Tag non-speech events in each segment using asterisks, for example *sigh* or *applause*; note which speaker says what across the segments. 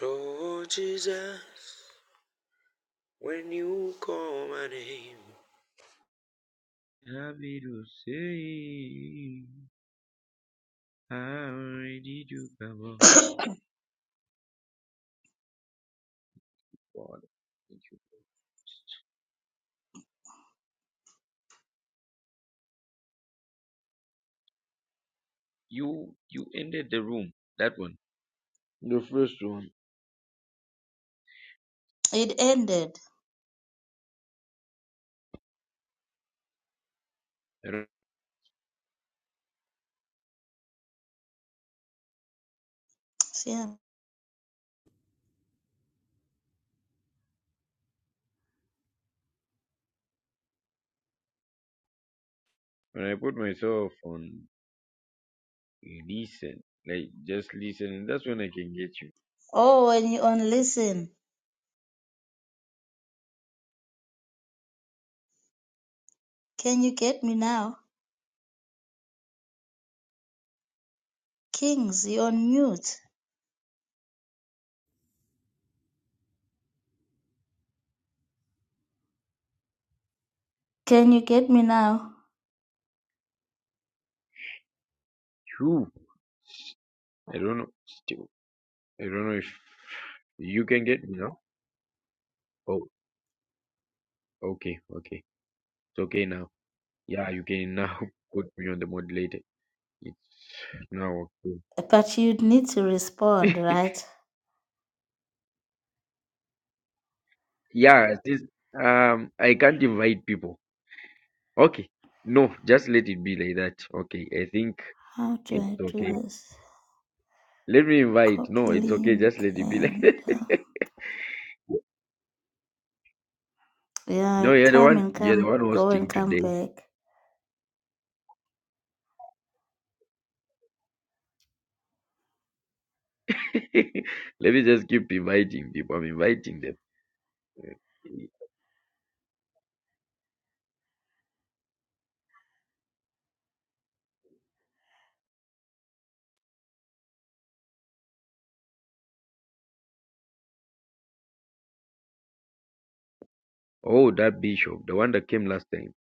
Speaker 1: Oh Jesus, when you call my name, happy to say, I'm ready to come on. God, thank you. You, you ended the room, that one. The first one.
Speaker 2: It ended. Yeah.
Speaker 1: When I put myself on listen, like just listen. that's when I can get you.
Speaker 2: Oh, when you on listen. Can you get me now? Kings, you on mute. Can you get me now?
Speaker 1: True. I don't know. Still, I don't know if you can get me now. Oh, okay, okay. It's okay now. Yeah, you can now *laughs* put me on the modulator. It's now okay.
Speaker 2: But you need to respond,
Speaker 1: *laughs*
Speaker 2: right?
Speaker 1: Yeah, this um I can't invite people. Okay. No, just let it be like that. Okay. I think
Speaker 2: How do
Speaker 1: it's
Speaker 2: I
Speaker 1: okay.
Speaker 2: do this?
Speaker 1: Let me invite. No,
Speaker 2: Copy
Speaker 1: it's okay. Just
Speaker 2: link
Speaker 1: let it be like
Speaker 2: and uh,
Speaker 1: *laughs*
Speaker 2: yeah,
Speaker 1: No, you're the
Speaker 2: come
Speaker 1: one
Speaker 2: and
Speaker 1: you're the
Speaker 2: come,
Speaker 1: one
Speaker 2: go and
Speaker 1: hosting
Speaker 2: come
Speaker 1: today.
Speaker 2: back.
Speaker 1: *laughs* Let me just keep inviting people. I'm inviting them. Oh, that bishop, the one that came last time.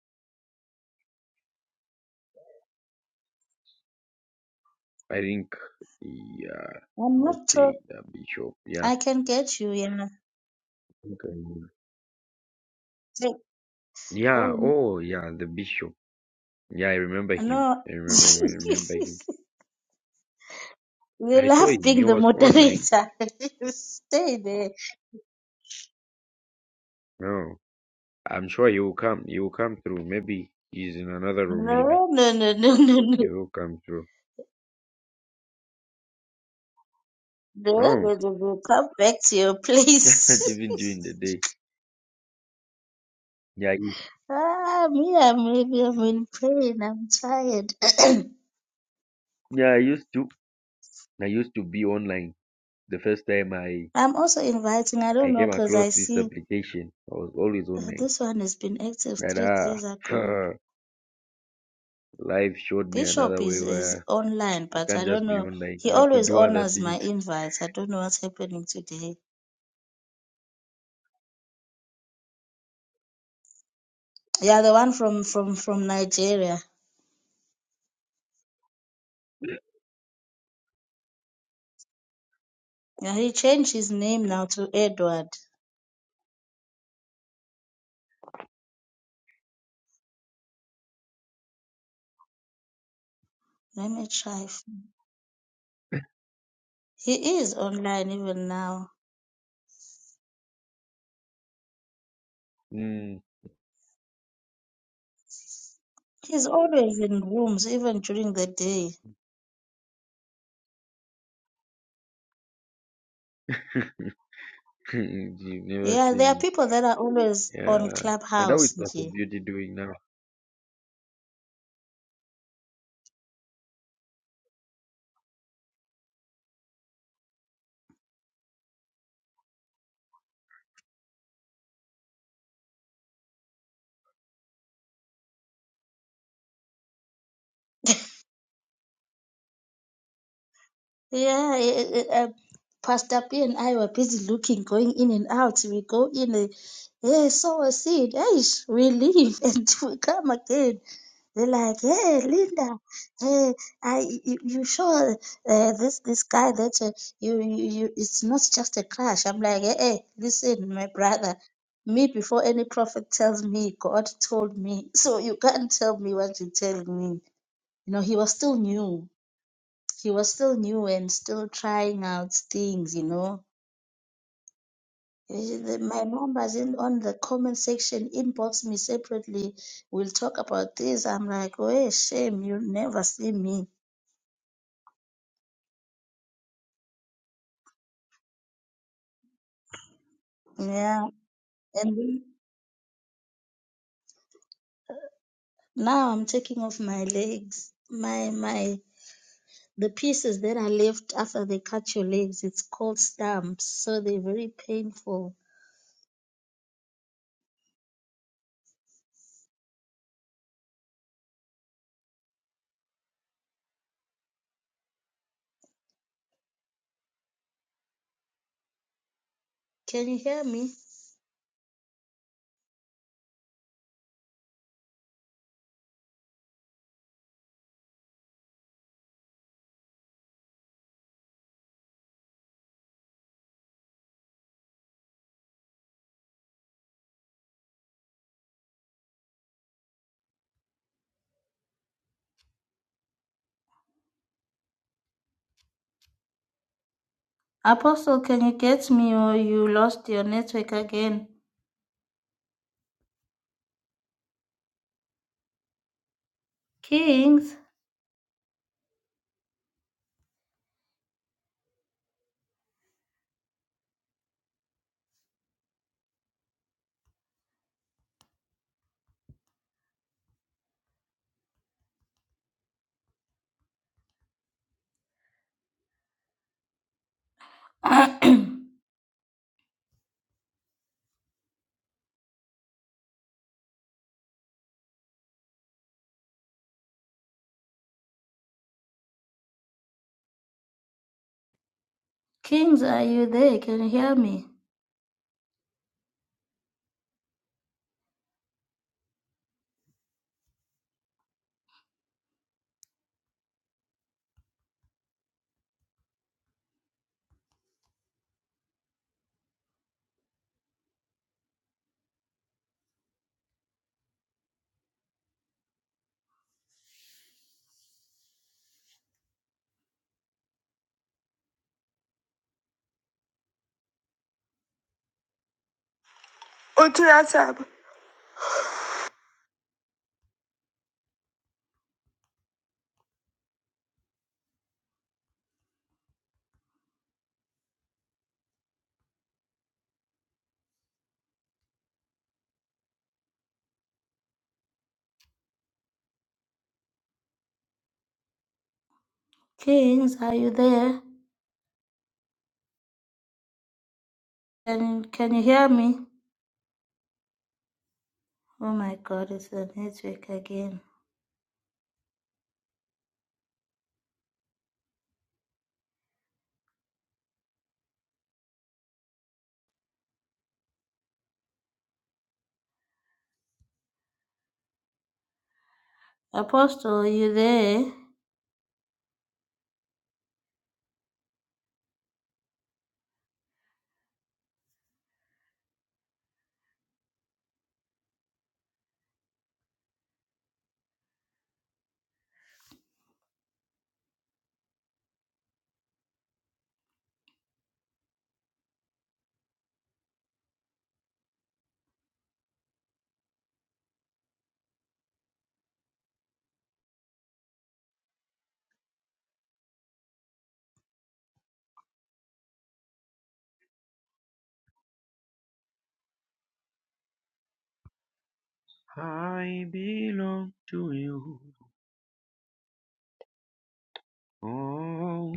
Speaker 1: I think, yeah,
Speaker 2: I'm not so.
Speaker 1: okay, that bishop, yeah,
Speaker 2: I can get you. Yeah.
Speaker 1: Okay.
Speaker 2: Say-
Speaker 1: yeah.
Speaker 2: Oh
Speaker 1: Oh, yeah, the bishop. Yeah, I remember him.
Speaker 2: no.
Speaker 1: I
Speaker 2: *laughs*
Speaker 1: remember him. I remember him.
Speaker 2: You
Speaker 1: I saw
Speaker 2: love
Speaker 1: him. He
Speaker 2: being the
Speaker 1: was online.
Speaker 2: moderator. *laughs* Stay there.
Speaker 1: No, I'm sure he will come. He will come through. Maybe he's in another
Speaker 2: No,
Speaker 1: room. Maybe
Speaker 2: no, no, no, no, no.
Speaker 1: he will come through.
Speaker 2: No,
Speaker 1: No,
Speaker 2: no, no, no. Come back to your
Speaker 1: *laughs*
Speaker 2: place.
Speaker 1: even during the day. Yeah, I,
Speaker 2: *laughs* ah, me, I'm maybe I'm in pain. I'm tired. *clears throat*
Speaker 1: yeah. I used to. I used to be online. The first time I
Speaker 2: I'm also inviting. I
Speaker 1: I
Speaker 2: don't know
Speaker 1: came
Speaker 2: because
Speaker 1: across
Speaker 2: I
Speaker 1: this
Speaker 2: see
Speaker 1: application, I was always
Speaker 2: uh,
Speaker 1: online.
Speaker 2: this one has been active
Speaker 1: But
Speaker 2: three
Speaker 1: ah,
Speaker 2: days ago.
Speaker 1: *laughs* life showed me
Speaker 2: Bishop
Speaker 1: another
Speaker 2: is
Speaker 1: way
Speaker 2: is
Speaker 1: where
Speaker 2: online,
Speaker 1: I
Speaker 2: but
Speaker 1: can't
Speaker 2: I don't
Speaker 1: just be
Speaker 2: know.
Speaker 1: online.
Speaker 2: He
Speaker 1: I have to
Speaker 2: always
Speaker 1: do other
Speaker 2: honors my
Speaker 1: things.
Speaker 2: invites. I don't know what's happening today. Yeah, the one from from from Nigeria. Yeah, he changed his name now to Edward. Let me try. He is online even now.
Speaker 1: Mm.
Speaker 2: He's always in rooms, even during the day.
Speaker 1: *laughs* You've never
Speaker 2: Yeah, there are
Speaker 1: seen me.
Speaker 2: people that are always on
Speaker 1: Yeah. And that is
Speaker 2: Clubhouse.
Speaker 1: what the
Speaker 2: nje.
Speaker 1: beauty doing now.
Speaker 2: Yeah, eh, eh, eh, uh, Pastor P and I were busy looking, going in and out. We go in, eh, hey, sow a seed. Hey, we leave *laughs* and we come again. They're like, hey, Linda, hey, I, you, you sure uh, this this guy that uh, you, you you it's not just a crush. I'm like, hey, hey, listen, my brother, me before any prophet tells me, God told me, *laughs* so you can't tell me what you tell me. You know, he was still new she was still new and still trying out things, you know. Eh, the- My members in on the comment section inbox me separately. We'll talk about this. I'm like, oh, eh, shame, you never see me. Yeah, and then now I'm taking off my legs. My my the pieces that are left after they cut your legs. It's called stumps, so they're very painful. Can you hear me? Apostle, can you get me or you lost your network again? Kings. *coughs* *clears throat* Kings, are you there? Can you hear me? Onto that tab. Kings, are you there? Can can you hear me? Oh my God, it's the network again. Apostle, are you there?
Speaker 1: I belong to you. Oh,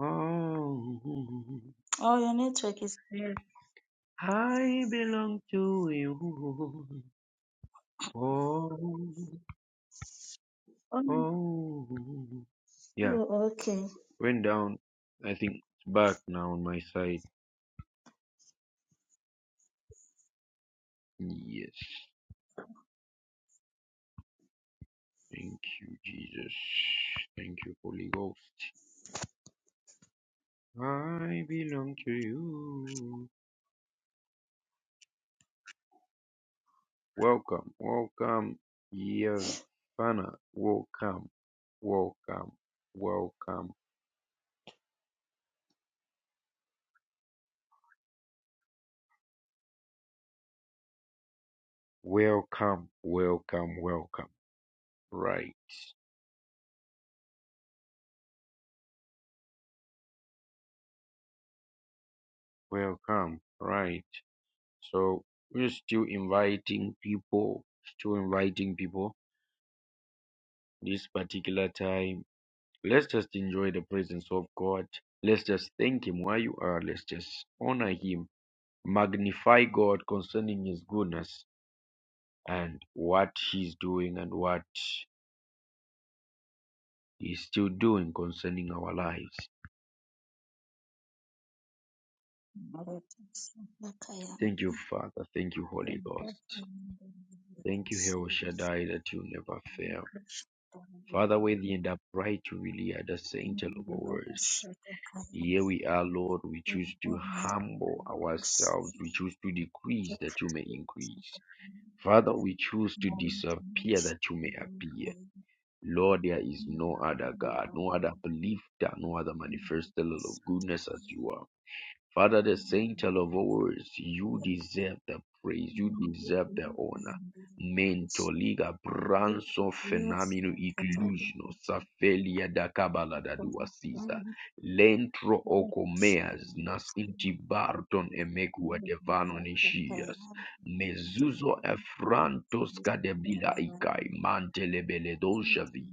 Speaker 1: oh.
Speaker 2: Oh, your network is there.
Speaker 1: I belong to you. Oh,
Speaker 2: Oh,
Speaker 1: oh. Yeah,
Speaker 2: oh, okay.
Speaker 1: went down. I think it's back now on my side. Yes. Thank you, Jesus. Thank you, Holy Ghost. I belong to you. Welcome, welcome, Yavana. Welcome, welcome, welcome, welcome, welcome, welcome. Right, welcome, right. So we're still inviting people, still inviting people this particular time Let's just enjoy the presence of God. Let's just thank Him where you are. Let's just honor Him. Magnify God concerning His goodness and what He's doing and what He's still doing concerning our lives. Thank you, Father. Thank you, Holy Ghost. Thank you, El Shaddai, that you never fail. Father, with the end upright, you really are the saint of our words. Here we are, Lord. We choose to humble ourselves.
Speaker 2: *laughs*
Speaker 1: We choose to decrease
Speaker 2: Thank
Speaker 1: that you may increase. Father, we choose to disappear that you may appear. Lord, there is no other God, no other belief, that no other manifestal of goodness as you are. Father, the Saint of ours, you deserve the praise, you deserve the honor. Mentoliga branso fenomeno inclusiono safelia da cabala da dua sisa lentro ocomeas nas intibarton emegua devano nescias mezuzo efrantos cadebila icai mantelebele dolcevi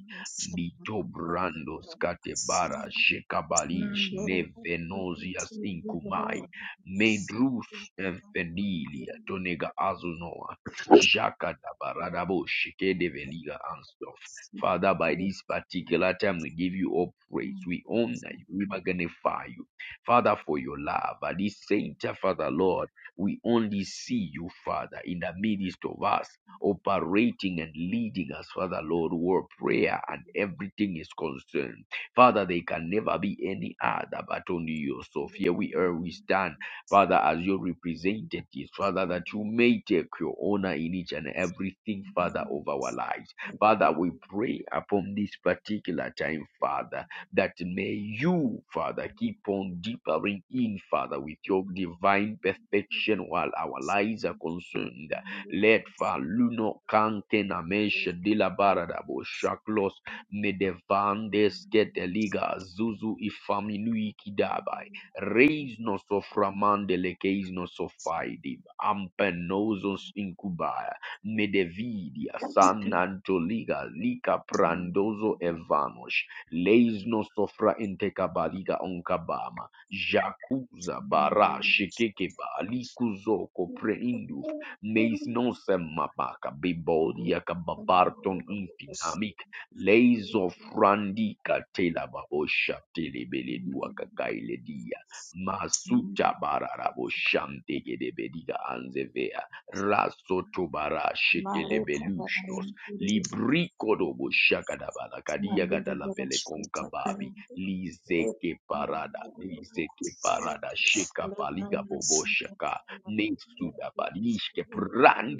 Speaker 1: Litobrandos Katebara
Speaker 2: you.
Speaker 1: Shekabalish
Speaker 2: Mbele yake
Speaker 1: Nevenosias Inkumai
Speaker 2: tuliona
Speaker 1: Medrus Enfenilia Tonega Azunoa Jaka Dabaradabo Shekedeveliga Anstof. Father, by this particular time we give you all praise. We honor you. We magnify you. Father, for your love. At this center, Father Lord, we only see you, Father, in the midst of us operating and leading us, Father Lord, where prayer and everything is concerned. Father, they can never be any other but only you. So here we are, we stand, Father, as your representatives, Father, that you may take your honor in each and everything, Father, of our lives. Father, we pray upon this particular time, Father, that may you, Father, keep on deepening in, Father, with your divine perfection while our lives are concerned. Let faluno cantenamesha de la baradabo shaklos medevandes keteliga zuzu ifaminui kidabai. Reis nos of ramande lekeis nos of faidi. Ampenosos incubaya. Medevidia san antoliga lika prandozo evanos. Leis nos sofra intecabaliga onkabama. Jacuza bara shekekeba likuzoko preindu
Speaker 2: Thank
Speaker 1: meis
Speaker 2: you.
Speaker 1: non semmabaca bibodia cababarton infinamic leiso frandica tela babosha telebele duaca caile dia masuta bararabo shante gedebediga anzevea raso tobara
Speaker 2: Malika Barayan
Speaker 1: shekelebeluşnos librico dobo shakadabala kadia
Speaker 2: Mandira
Speaker 1: gadala vele
Speaker 2: Barashita
Speaker 1: konkababi
Speaker 2: Kayandi
Speaker 1: lizeke
Speaker 2: Lekala
Speaker 1: parada lizeke parada
Speaker 2: Sita Kayandi
Speaker 1: sheka paliga
Speaker 2: Lekala
Speaker 1: bobo
Speaker 2: Sita
Speaker 1: shaka. Lesuda
Speaker 2: Kayandi
Speaker 1: balishke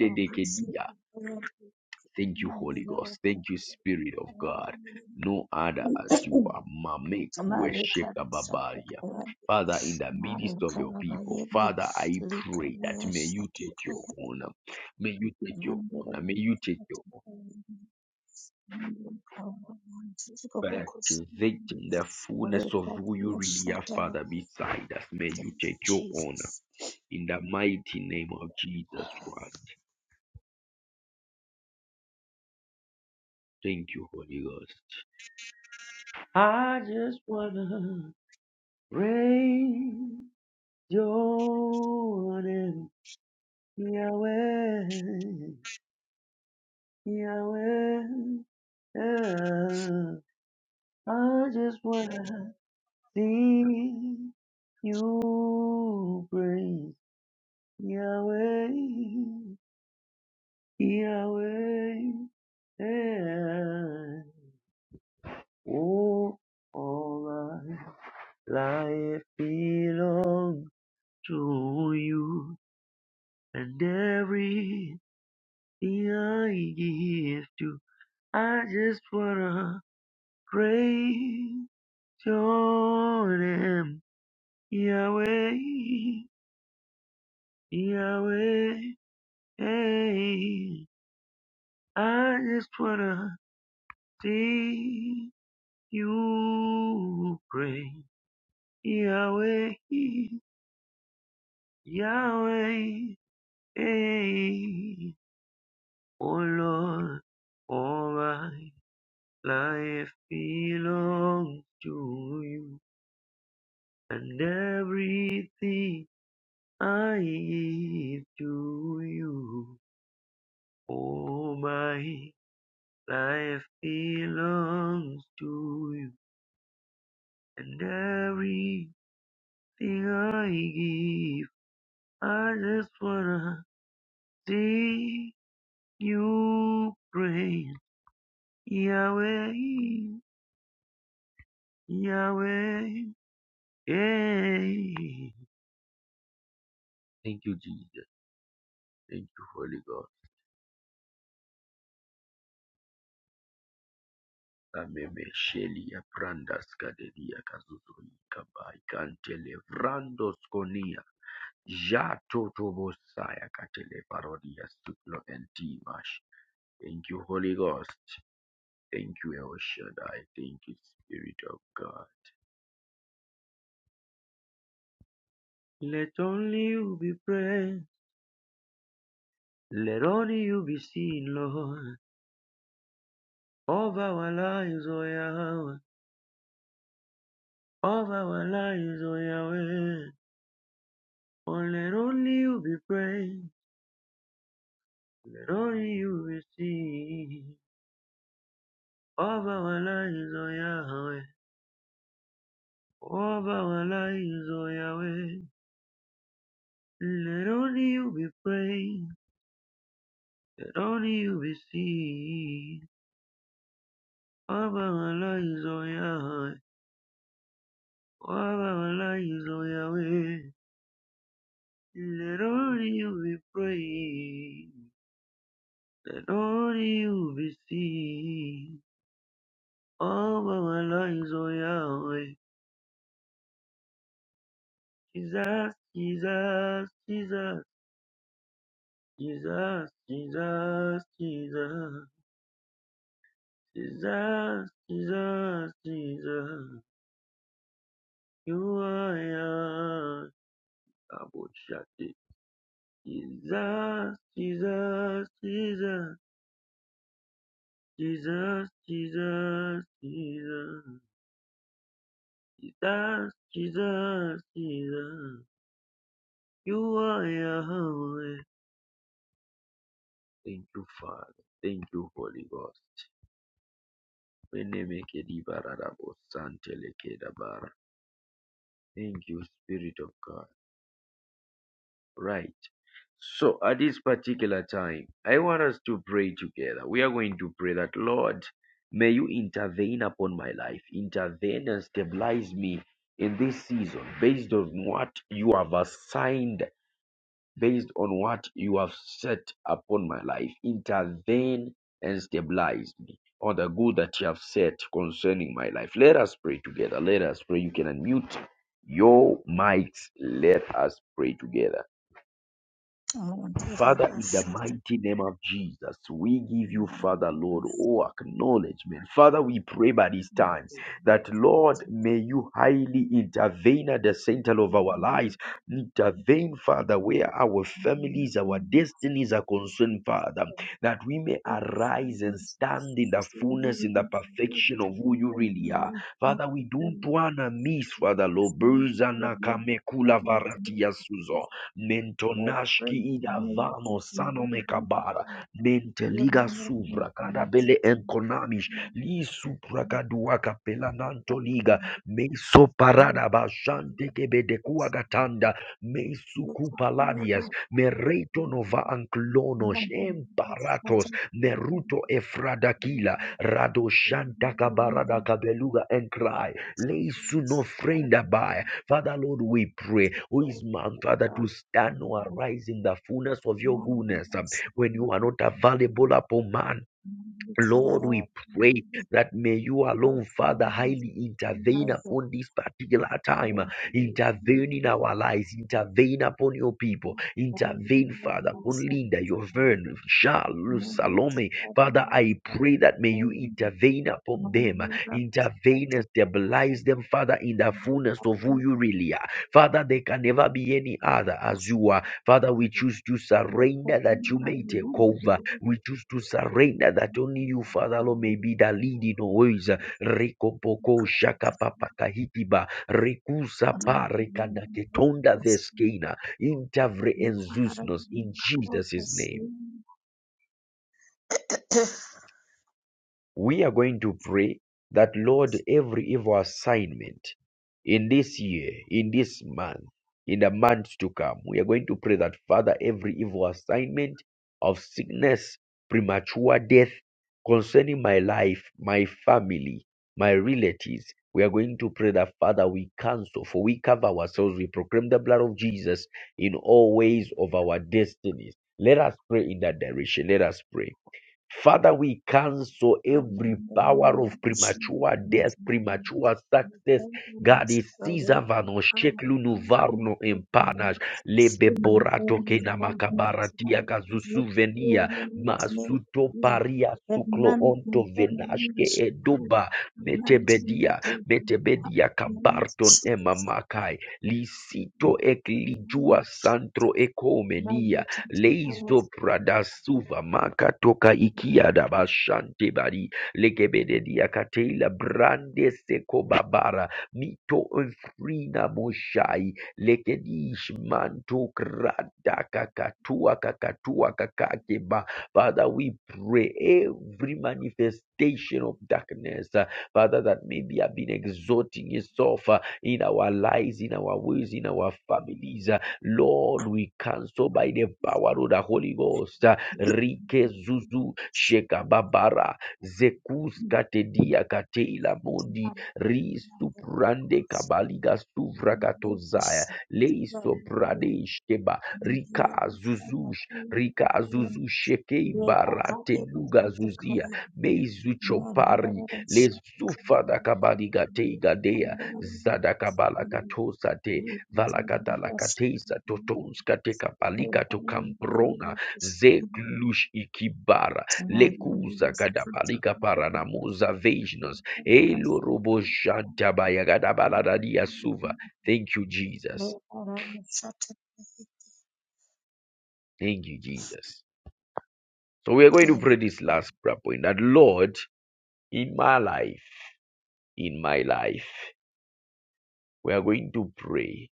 Speaker 2: Mandira
Speaker 1: dekedia.
Speaker 2: Barashita
Speaker 1: Thank you, Holy Ghost. Thank you, Spirit of God. No other as you are. Mame
Speaker 2: Kayandi Malika
Speaker 1: kuesheka babalia.
Speaker 2: Sita
Speaker 1: Father, in the midst of your people,
Speaker 2: Marukaravayendi
Speaker 1: Father, I pray that may you take your
Speaker 2: likavayashatakaya
Speaker 1: honor. May you take your
Speaker 2: mandira
Speaker 1: honor. May you take your honor.
Speaker 2: satakaya
Speaker 1: But
Speaker 2: murukawamanzikobokusiri
Speaker 1: activate the fullness of who you really are, Father,
Speaker 2: lekadiyasatara.
Speaker 1: beside us. May you
Speaker 2: Thank you,
Speaker 1: take your
Speaker 2: Jesus.
Speaker 1: honor. In the mighty name of Jesus Christ. Thank you, Holy Ghost. I just wanna raise your name, Yahweh, Yahweh. Yeah. I just wanna sing you praise, Yahweh, Yahweh. Yeah. Oh, all I Life belongs to you. and everything I give to. I just wanna praise your name, Yahweh, Yahweh. Hey, I just wanna see you pray, Yahweh, Yahweh. Hey, oh Lord, oh my. Life belongs to you, and everything I give to you. Oh, my life belongs to you, and everything I give. I just wanna sing you praise, Yahweh, Yahweh, yeah. Thank you, Jesus. Thank you, Holy God. Amemeshelia prandas kadelia kazuzuika baikantele vrandos konia jato tobosaya katele parodia suplo and Thank you, Holy Ghost. Thank you, El Shaddai. Thank you, Spirit of God. Let only you be praised. Let only you be seen, Lord. Of our lives, O Yahweh. Of our lives, O Yahweh. Oh, let only you be praised. That only you will see. Of our lives, O Yahweh. Of our lives, O Yahweh. let only you be praised. Let only you be seen. Of our lives, O Yahweh. Of our lives, O Yahweh. let only you be praised. Let only you be seen. Of our lives, O Yahweh. Jesus, Jesus, Jesus. Jesus, Jesus, Jesus, Jesus, Jesus, Jesus, you are yours. Double shot it. Jesus, Jesus, Jesus, Jesus, Jesus, Jesus, Jesus, Jesus, Jesus, you are Yahweh. Thank you, Father. Thank you, Holy Ghost. Menemeke di barada bo sante leke da bara. Thank you, Spirit of God. Right. So at this particular time, I want us to pray together. We are going to pray that, Lord, may you intervene upon my life, intervene and stabilize me in this season based on what you have assigned, based on what you have set upon my life. Intervene and stabilize me on the good that you have set concerning my life. Let us pray together. Let us pray. You can unmute your mics. Let us pray together.
Speaker 2: Mandira
Speaker 1: Father, in the
Speaker 2: bashata
Speaker 1: mighty name of Jesus, we give you, Father,
Speaker 2: mandira
Speaker 1: Lord,
Speaker 2: basata
Speaker 1: all acknowledgement. Father, we pray by this time that, Lord, may you highly intervene at the center of our lives. Intervene, Father, where our families, our destinies are concerned, Father, that we may arise and stand in the fullness, in the
Speaker 2: Jesus,
Speaker 1: perfection of who you
Speaker 2: Thank
Speaker 1: really are. Father, we don't want to miss, Father, Lord, Bozana Kamekula Varatia Suzo. Mentonashki idavano sanome kabara. Menteliga suvra kadabele enkonamish. Li supra kaduaka nanto liga. Meso parada bashante kebede kuagatanda. Mesu kupaladias. Mereto nova anclonos. Emparatos. Meruto efradakila. Radoshanta kabarada kabeluga enkrai. Leisu no frenda by Father, Lord, we pray. Who is man, Father, to stand or
Speaker 2: you.
Speaker 1: arise in the fullness of your
Speaker 2: Thank
Speaker 1: goodness um, when you are not available upon man? Lord, we pray that may you alone, Father, highly intervene upon this particular time. Intervene in our lives. Intervene upon your people. Intervene, Father, upon Linda, your friend, Charles, Salome. Father, I pray that may you intervene upon them. Intervene and stabilize them, Father, in the fullness of who you really are. Father, there can never be any other as you are. Father, we choose to surrender that you may take over. We choose to surrender that only you, Father Lord, may be the leading always. Rekopoko
Speaker 2: you.
Speaker 1: shakapapakahikiba.
Speaker 2: be
Speaker 1: Rekusapa rekanaketonda
Speaker 2: good
Speaker 1: veskena. Intavre enzusnos. In Jesus' name. We are going to pray that, Lord, every evil assignment in this year, in this month, in the months to come, we are going to pray that, Father, every evil assignment of sickness, premature death concerning my life, my family, my relatives, we are going to pray that, Father, we cancel, for we cover ourselves, we proclaim the blood of Jesus in all ways of our destinies. Let us pray in that direction. Let us pray. Father, we cancel every power of premature death, premature success. God is Sizavano, Sheklunu Varno Empanash, Lebeborato Kenamakabaratia Kazusuvenia, Masuto Paria Suklo Onto Venashke Eduba, Metebedia, Metebedia Kabarton
Speaker 2: Ferdinand,
Speaker 1: Emamakai, Lisito Eklijua
Speaker 2: Amen.
Speaker 1: Santro
Speaker 2: Jesus.
Speaker 1: Ekomenia.
Speaker 2: Mary, teach for us all
Speaker 1: Leisto
Speaker 2: us.
Speaker 1: Prada Suva Maka Toka Ikia Daba Shante Bari Lekebede Diakatela Brande Seko Babara Mito Enfrina Moshai Lekedish Manto Krada Kakatua Kakatua Kakakeba Father, we pray every manifestation of darkness, uh, Father, that maybe have been exalting itself uh, in our lives, in our ways, in our families. Lord, we cancel by the power of the Holy Ghost. uh, Rike Zuzu Shekababara Zekus Katedia Kateila Modi Ristu Prande
Speaker 2: Thank
Speaker 1: Kabaliga Suvra Katozaya Leisto Prade Sheba Rika Zuzush
Speaker 2: you.
Speaker 1: Rika Zuzu Shekei Barate Nuga
Speaker 2: to cry.
Speaker 1: Zuzia Meizu
Speaker 2: Lord, you are
Speaker 1: Chopari
Speaker 2: the Savior.
Speaker 1: Lezufa da Kabaliga
Speaker 2: You are
Speaker 1: Teigadea
Speaker 2: the Lord. You are the
Speaker 1: Zadakabala
Speaker 2: Lord.
Speaker 1: Katosate Valagadalakateza totons kateka
Speaker 2: Lord,
Speaker 1: palika
Speaker 2: I am
Speaker 1: tokamprona
Speaker 2: the Lord.
Speaker 1: zeklush ikibara
Speaker 2: And it
Speaker 1: lekuza
Speaker 2: is such
Speaker 1: kadabalika paranamuza vejnos elo roboshantabayagadabaladadia suva. Thank you, Jesus. Thank you, Jesus. So we are going to pray this
Speaker 2: a
Speaker 1: last prayer point that Lord, in my life, in my life, we are going to pray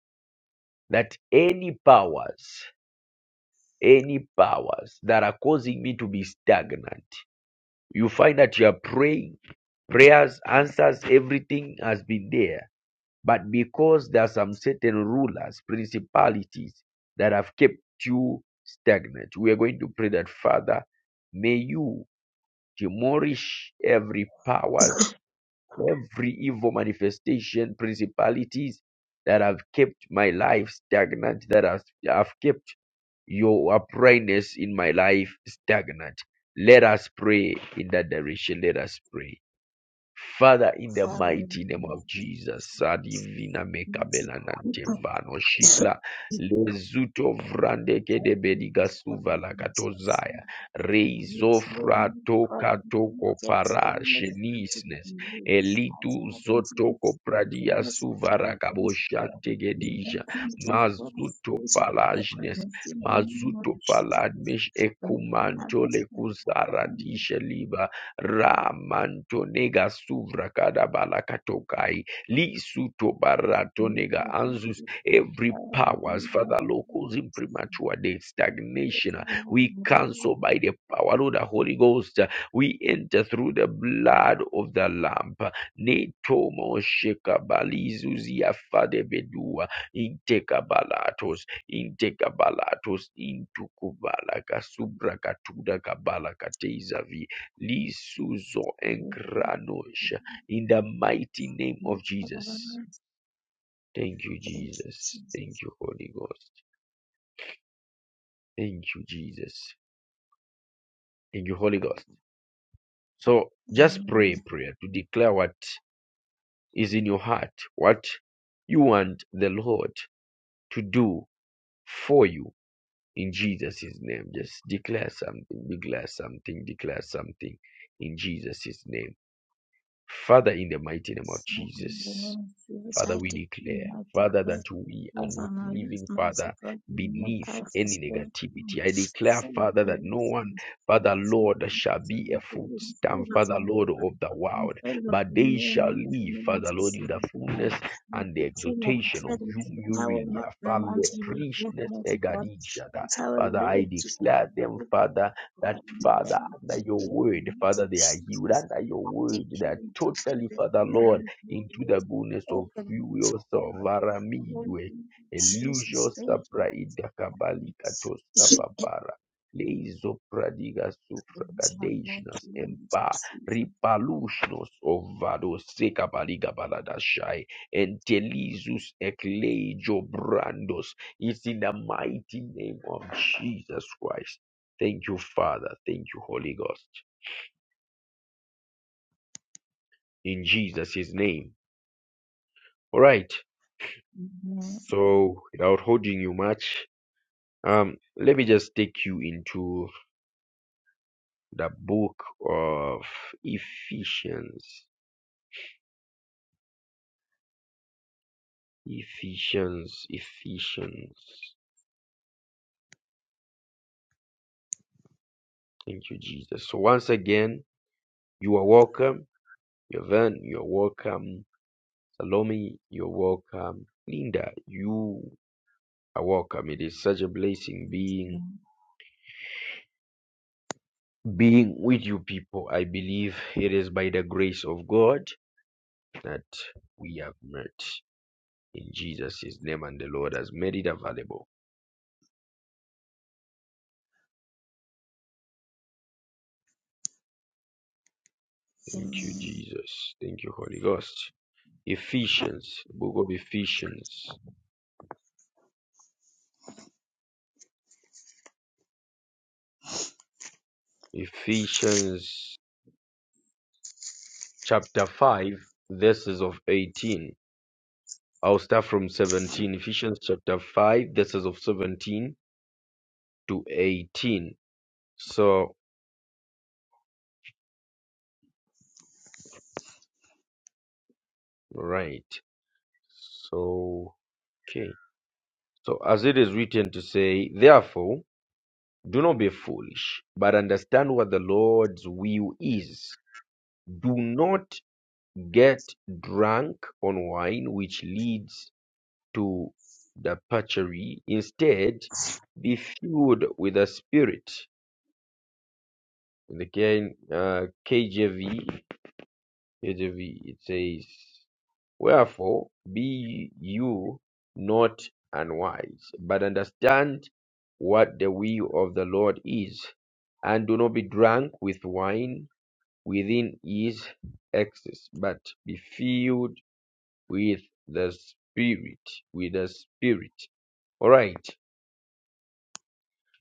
Speaker 1: that any powers, any powers that are causing me to be stagnant You find that you are praying, prayers, answers, everything has been there. But because there are some certain rulers, principalities that have kept you stagnant, we are going to pray that, Father, may you demolish every powers, every evil manifestation, principalities that have kept my life stagnant, that has, have kept your brightness in my life stagnant. Let us pray in that direction. Let us pray. Father, in the
Speaker 2: Father,
Speaker 1: mighty name of Jesus, Sadivina Mekabela Nantevano Shikla, Lezuto Vrande Kedebediga Suvala Katozaya,
Speaker 2: It's your
Speaker 1: Reizofra
Speaker 2: music God
Speaker 1: Toka Toko
Speaker 2: that's
Speaker 1: Para,
Speaker 2: famous and to
Speaker 1: Shenisnes,
Speaker 2: use
Speaker 1: Elitu
Speaker 2: ultimate influence
Speaker 1: Zotoko
Speaker 2: is a
Speaker 1: Pradia
Speaker 2: message that
Speaker 1: Suvara
Speaker 2: that
Speaker 1: Kaboshante
Speaker 2: you
Speaker 1: Gedija,
Speaker 2: come to God
Speaker 1: Mazuto
Speaker 2: is a
Speaker 1: Palajnes,
Speaker 2: recognition in the name of
Speaker 1: Mazuto
Speaker 2: Jesus.
Speaker 1: Paladmesh
Speaker 2: But have a
Speaker 1: Ekumantole
Speaker 2: son,
Speaker 1: Kuzara
Speaker 2: then
Speaker 1: Disheliba, Ramantonega suvra kadabala katokai. Lisuto
Speaker 2: you
Speaker 1: baratonega
Speaker 2: can
Speaker 1: anzus.
Speaker 2: be a leader, you
Speaker 1: Every
Speaker 2: can
Speaker 1: powers, Father Lord, causing premature death, stagnation. uh, We cancel by the power of the Holy Ghost. uh, We enter through the blood of the Lamb. Netomo shekabalizuzia fadebedua. Intekabalatos. Intekabalatos. Intukubala kasubra katuda kabala katezavi Lisuzo and Granosha. In the mighty name of Jesus. Thank you,
Speaker 2: Thank
Speaker 1: Jesus.
Speaker 2: you,
Speaker 1: Thank you, Holy Ghost. Thank you, Jesus. Thank you, Holy Ghost. So just pray a prayer to declare what is in your heart, what you want the Lord to do for you in Jesus' name. Just declare something, declare something, declare something in Jesus' name. Father, in the mighty name of
Speaker 2: So in the
Speaker 1: Jesus. Father,
Speaker 2: I
Speaker 1: we
Speaker 2: take the
Speaker 1: declare,
Speaker 2: mighty
Speaker 1: Father, that we are
Speaker 2: over
Speaker 1: not
Speaker 2: my life,
Speaker 1: living,
Speaker 2: My
Speaker 1: Father,
Speaker 2: support in your
Speaker 1: beneath
Speaker 2: life, is
Speaker 1: any
Speaker 2: spirit, and
Speaker 1: negativity. I declare,
Speaker 2: send
Speaker 1: Father,
Speaker 2: the
Speaker 1: that no one,
Speaker 2: listeners.
Speaker 1: Father, Lord, shall be a footstamp,
Speaker 2: Favor
Speaker 1: Father,
Speaker 2: from
Speaker 1: Lord,
Speaker 2: God,
Speaker 1: of the
Speaker 2: and
Speaker 1: world,
Speaker 2: favor
Speaker 1: but
Speaker 2: from
Speaker 1: they
Speaker 2: you, and
Speaker 1: shall
Speaker 2: you from
Speaker 1: live,
Speaker 2: the
Speaker 1: Father, Lord, in the
Speaker 2: Jesus
Speaker 1: fullness
Speaker 2: Christ.
Speaker 1: and the
Speaker 2: of the
Speaker 1: exaltation of
Speaker 2: credit,
Speaker 1: whom you
Speaker 2: I will
Speaker 1: really
Speaker 2: not
Speaker 1: are.
Speaker 2: burn
Speaker 1: Father,
Speaker 2: until you give
Speaker 1: Prishness
Speaker 2: mercy God,
Speaker 1: Egadishada.
Speaker 2: which I will
Speaker 1: Father, I
Speaker 2: live to
Speaker 1: declare them, Father, that,
Speaker 2: God, to
Speaker 1: Father,
Speaker 2: them
Speaker 1: under
Speaker 2: that
Speaker 1: your
Speaker 2: live in
Speaker 1: word, Father,
Speaker 2: mighty
Speaker 1: they are healed.
Speaker 2: cities.
Speaker 1: Under your
Speaker 2: I
Speaker 1: word, they
Speaker 2: decree
Speaker 1: are
Speaker 2: and declare
Speaker 1: totally,
Speaker 2: that
Speaker 1: Father,
Speaker 2: you
Speaker 1: Lord
Speaker 2: alone will be
Speaker 1: into
Speaker 2: able
Speaker 1: the
Speaker 2: to
Speaker 1: goodness of
Speaker 2: open,
Speaker 1: you yourself.
Speaker 2: God. Lord,
Speaker 1: Varamiwe,
Speaker 2: thank
Speaker 1: Elusio
Speaker 2: Jesus, thank you,
Speaker 1: Sapra
Speaker 2: mighty
Speaker 1: Idakabali
Speaker 2: God.
Speaker 1: Katoska
Speaker 2: *laughs*
Speaker 1: Babara. Leizo pradiga
Speaker 2: It
Speaker 1: sufra
Speaker 2: my mind
Speaker 1: kadejnas
Speaker 2: through my
Speaker 1: empa
Speaker 2: season.
Speaker 1: ripalushnos ovado seka baliga baladashai entelizus ekleijo brandos. It's in the mighty name of Jesus Christ. Thank you, Father. Thank you, Holy Ghost. In Jesus' name. All right.
Speaker 2: Amen.
Speaker 1: So without holding you much, um, let me just take you into the book of Ephesians. Ephesians, Ephesians. Thank you, Jesus. So once again, you are welcome. Yvonne, you're welcome. Salome, you're welcome. Linda, you are welcome. It is such a blessing being being with you people. I believe it is by the grace of God that we have met. in Jesus' name, and the Lord has made it available. Thank you,
Speaker 2: Amen.
Speaker 1: Jesus. Thank you, Holy Ghost. Ephesians, book of Ephesians, Ephesians chapter 5, verses of 18. I'll start from 17. Ephesians chapter 5, verses of 17 to 18. So, right. So, okay. So, as it is written to say, therefore, do not be foolish, but understand what the Lord's will is Do not get drunk on wine, which leads to debauchery. Instead, be filled with the Spirit. In the K- uh, KJV, KJV, it says, Wherefore be you not unwise, but understand what the will of the Lord is, and do not be drunk with wine within his excess, but be filled with the spirit with the spirit all right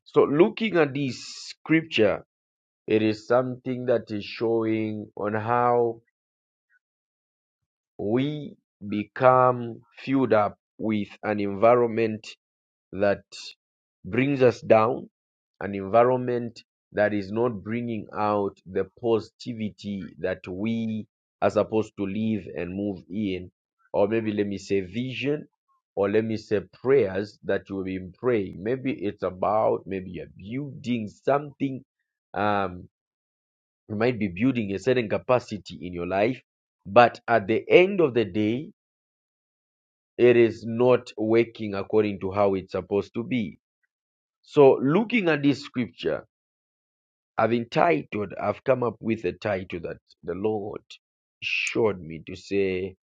Speaker 1: so looking at this scripture it is something that is showing on how we become filled up with an environment that brings us down, an environment that is not bringing out the positivity that we are supposed to live and move in, or maybe let me say vision, or let me say prayers that you've been praying. Maybe it's about, maybe you're building something, um, you might be building a certain capacity in your life, but at the end of the day, it is not working according to how it's supposed to be so looking at this scripture, I've entitled, I've come up with a title that the Lord showed me to say,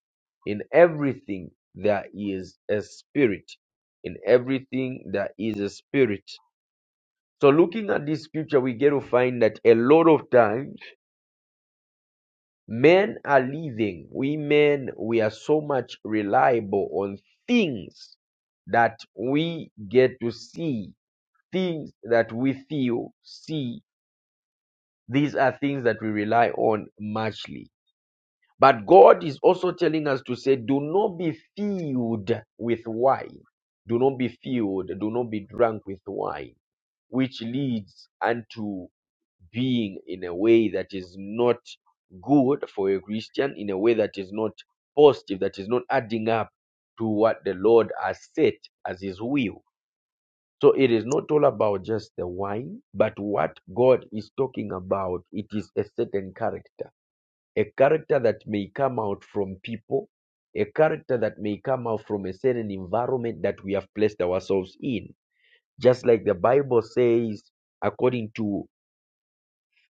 Speaker 1: in everything there is a spirit. In everything there is a spirit. So looking at this scripture, we get to find that a lot of times men are living. We men, we are so much reliable on things that we get to see, things that we feel, see, These are things that we rely on muchly. But God is also telling us to say, do not be filled with wine. Do not be filled. Do not be drunk with wine, which leads unto being in a way that is not good for a Christian, in a way that is not positive, that is not adding up to what the Lord has set as his will. So it is not all about just the wine, but what God is talking about, it is a certain character, a character that may come out from people, a character that may come out from a certain environment that we have placed ourselves in. Just like the Bible says, according to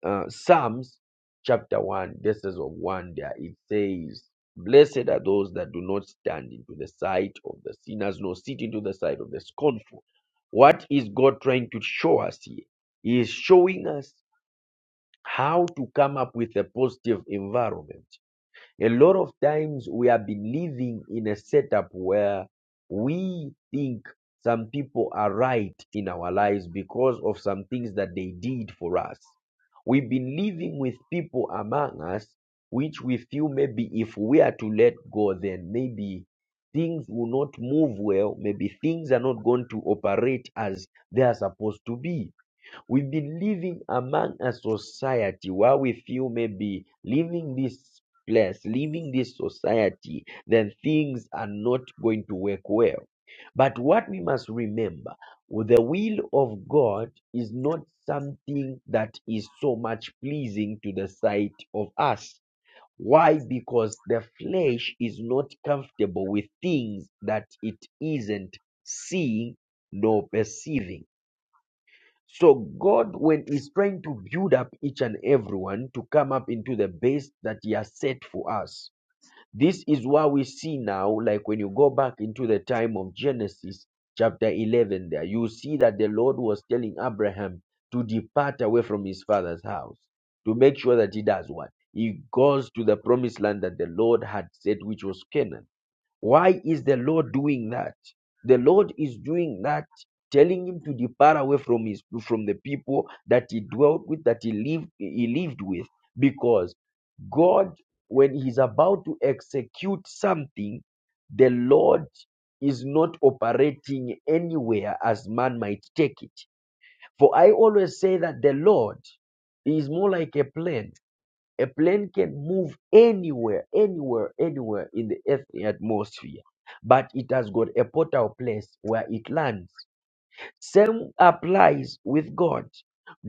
Speaker 1: uh, Psalms chapter 1, verses of 1 there, it says, Blessed are those that do not stand into the sight of the sinners, nor sit into the sight of the scornful. What is God trying to show us here? He is showing us how to come up with a positive environment. A lot of times we have been living in a setup where we think some people are right in our lives because of some things that they did for us. We've been living with people among us which we feel maybe if we are to let go, then maybe things will not move well. Maybe things are not going to operate as they are supposed to be we be living among a society where we feel maybe leaving this place, leaving this society, then things are not going to work well. But what we must remember, the will of God is not something that is so much pleasing to the sight of us. Why? Because the flesh is not comfortable with things that it isn't seeing nor perceiving. So God, when He's trying to build up each and everyone to come up into the base that He has set for us, this is what we see now. Like when you go back into the time of Genesis chapter 11, there you see that the Lord was telling Abraham to depart away from his father's house to make sure that he does what he goes to the promised land that the Lord had said, which was Canaan. Why is the Lord doing that? The Lord is doing that, telling him to depart away from his from the people that he dwelt with, that he lived he lived with, because God, when he's about to execute something, the Lord is not operating anywhere as man might take it. For I always say that the Lord is more like a plane a plane can move anywhere, anywhere, anywhere in the Earth's atmosphere, but it has got a portal place where it lands. Same applies with God.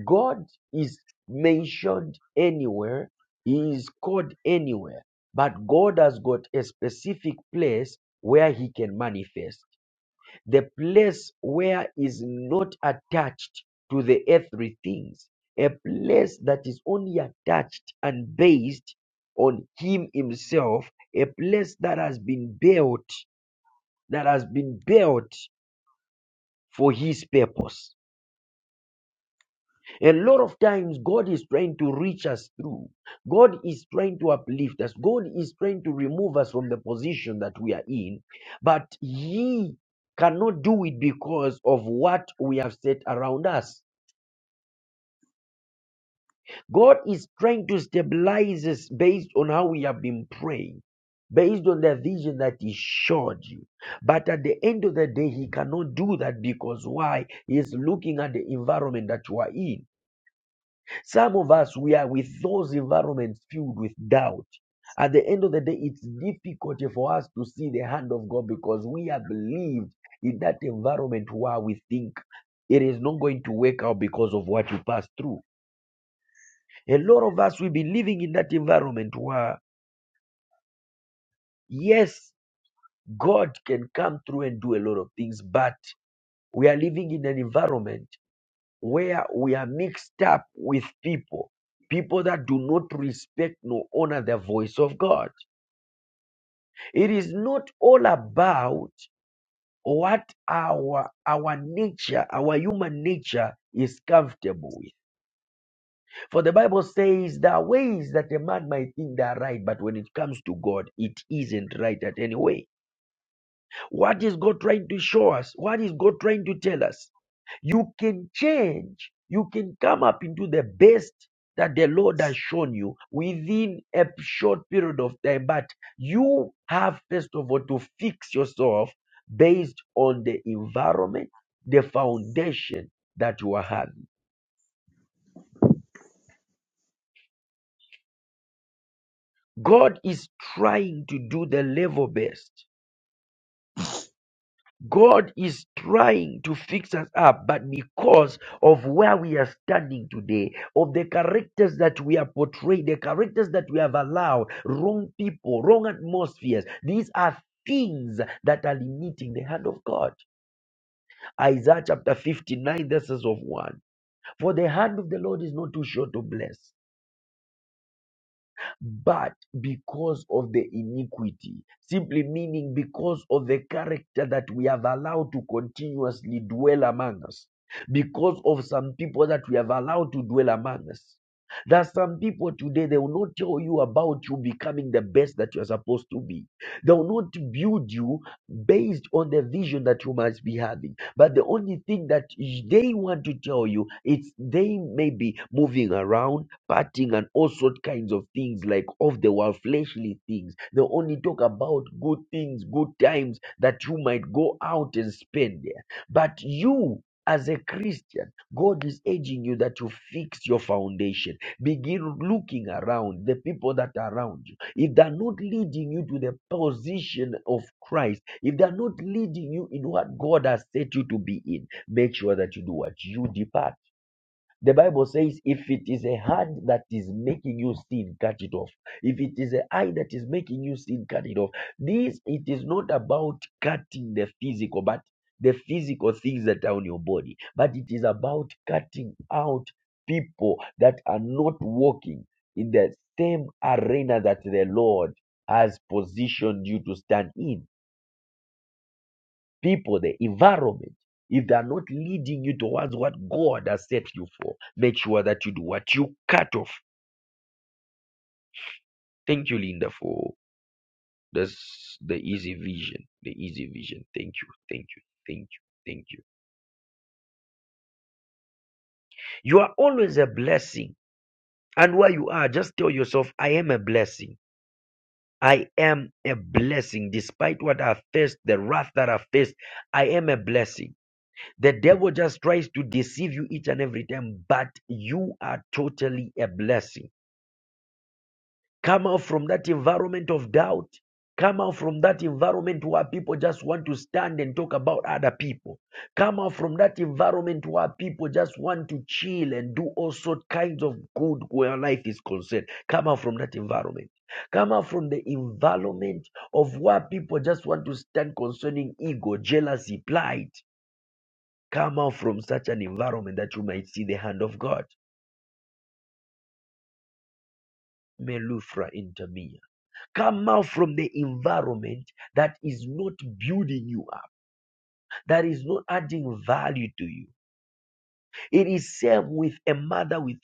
Speaker 1: God is mentioned anywhere, He is called anywhere, but God has got a specific place where He can manifest the place where is not attached to the earthly things, a place that is only attached and based on Him Himself, a place that has been built, that has been built for His purpose. A lot of times, God is trying to reach us through. God is trying to uplift us. God is trying to remove us from the position that we are in. But He cannot do it because of what we have set around us. God is trying to stabilize us based on how we have been praying, based on the vision that He showed you. But at the end of the day, He cannot do that because why? He is looking at the environment that you are in. Some of us, we are with those environments filled with doubt. At the end of the day, it's difficult for us to see the hand of God because we are believed in that environment where we think it is not going to work out because of what you pass through. A lot of us will be living in that environment where, yes, God can come through and do a lot of things, but we are living in an environment. where we are mixed up with people, people that do not respect nor honor the voice of God. It is not all about what our our nature, our human nature is comfortable with. For the Bible says there are ways that a man might think they are right, but when it comes to God, it isn't right at any way. What is God trying to show us? What is God trying to tell us? You can change. You can come up into the best that the Lord has shown you within a short period of time. But you have, first of all, to fix yourself based on the environment, the foundation that you are having. God is trying to do the level best. God is trying to fix us up, but because of where we are standing today, of the characters that we are portraying, the characters that we have allowed, wrong people, wrong atmospheres, these are things that are limiting the hand of God. Isaiah chapter 59, verses of 1. For the hand of the Lord is not too short to bless, but because of the iniquity, simply meaning because of the character that we have allowed to continuously dwell among us, because of some people that we have allowed to dwell among us. There are some people today, they will not tell you about you becoming the best that you are supposed to be. They will not build you based on the vision that you must be having. But the only thing that they want to tell you is they may be moving around partying and all sort kinds of things like of the world fleshly things they only talk about good things good times that you might go out and spend there but you as a christian god is urging you that you fix your foundation begin looking around the people that are around you if they're not leading you to the position of christ if they're not leading you in what god has set you to be in make sure that you do what you depart the Bible says, if it is a hand that is making you sin, cut it off. If it is an eye that is making you sin, cut it off. This, it is not about cutting the physical, but the physical things that are on your body, but it is about cutting out people that are not walking in the same arena that the Lord has positioned you to stand in people, the environment, if they are not leading you towards what God has set you for, make sure that you do what you cut off. Thank you, Linda, for this the easy vision. The easy vision. Thank you. Thank you. Thank you. Thank you. You are always a blessing. And where you are, just tell yourself, I am a blessing. I am a blessing. Despite what I faced, the wrath that I faced, I am a blessing. The devil just tries to deceive you each and every time, but you are totally a blessing. Come out from that environment of doubt. Come out from that environment where people just want to stand and talk about other people. Come out from that environment where people just want to chill and do all sorts kinds of good where life is concerned. Come out from that environment. Come out from the environment of where people just want to stand concerning ego, jealousy, pride. Come out from such an environment that you might see the hand of God. Melufra intermia. Come out from the environment that is not building you up, that is not adding value to you. It is same with a mother with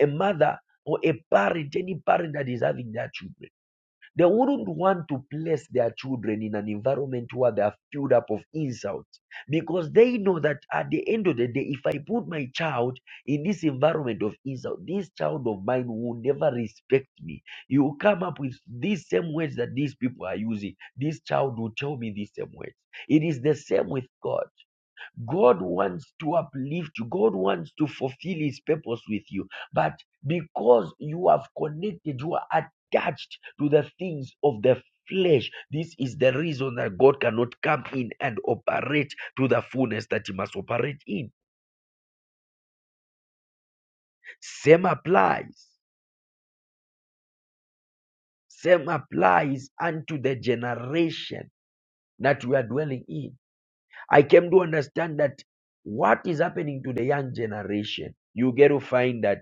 Speaker 1: a mother or a parent, any parent that is having their children. They wouldn't want to place their children in an environment where they are filled up of insults because they know that at the end of the day, if I put my child in this environment of insult, this child of mine will never respect me. He will come up with these same words that these people are using. This child will tell me these same words. It is the same with God. God wants to uplift you. God wants to fulfill his purpose with you. But because you have connected, you are attached to the things of the flesh. This is the reason that God cannot come in and operate to the fullness that he must operate in. Same applies. Same applies unto the generation that we are dwelling in. I came to understand that what is happening to the young generation, you get to find that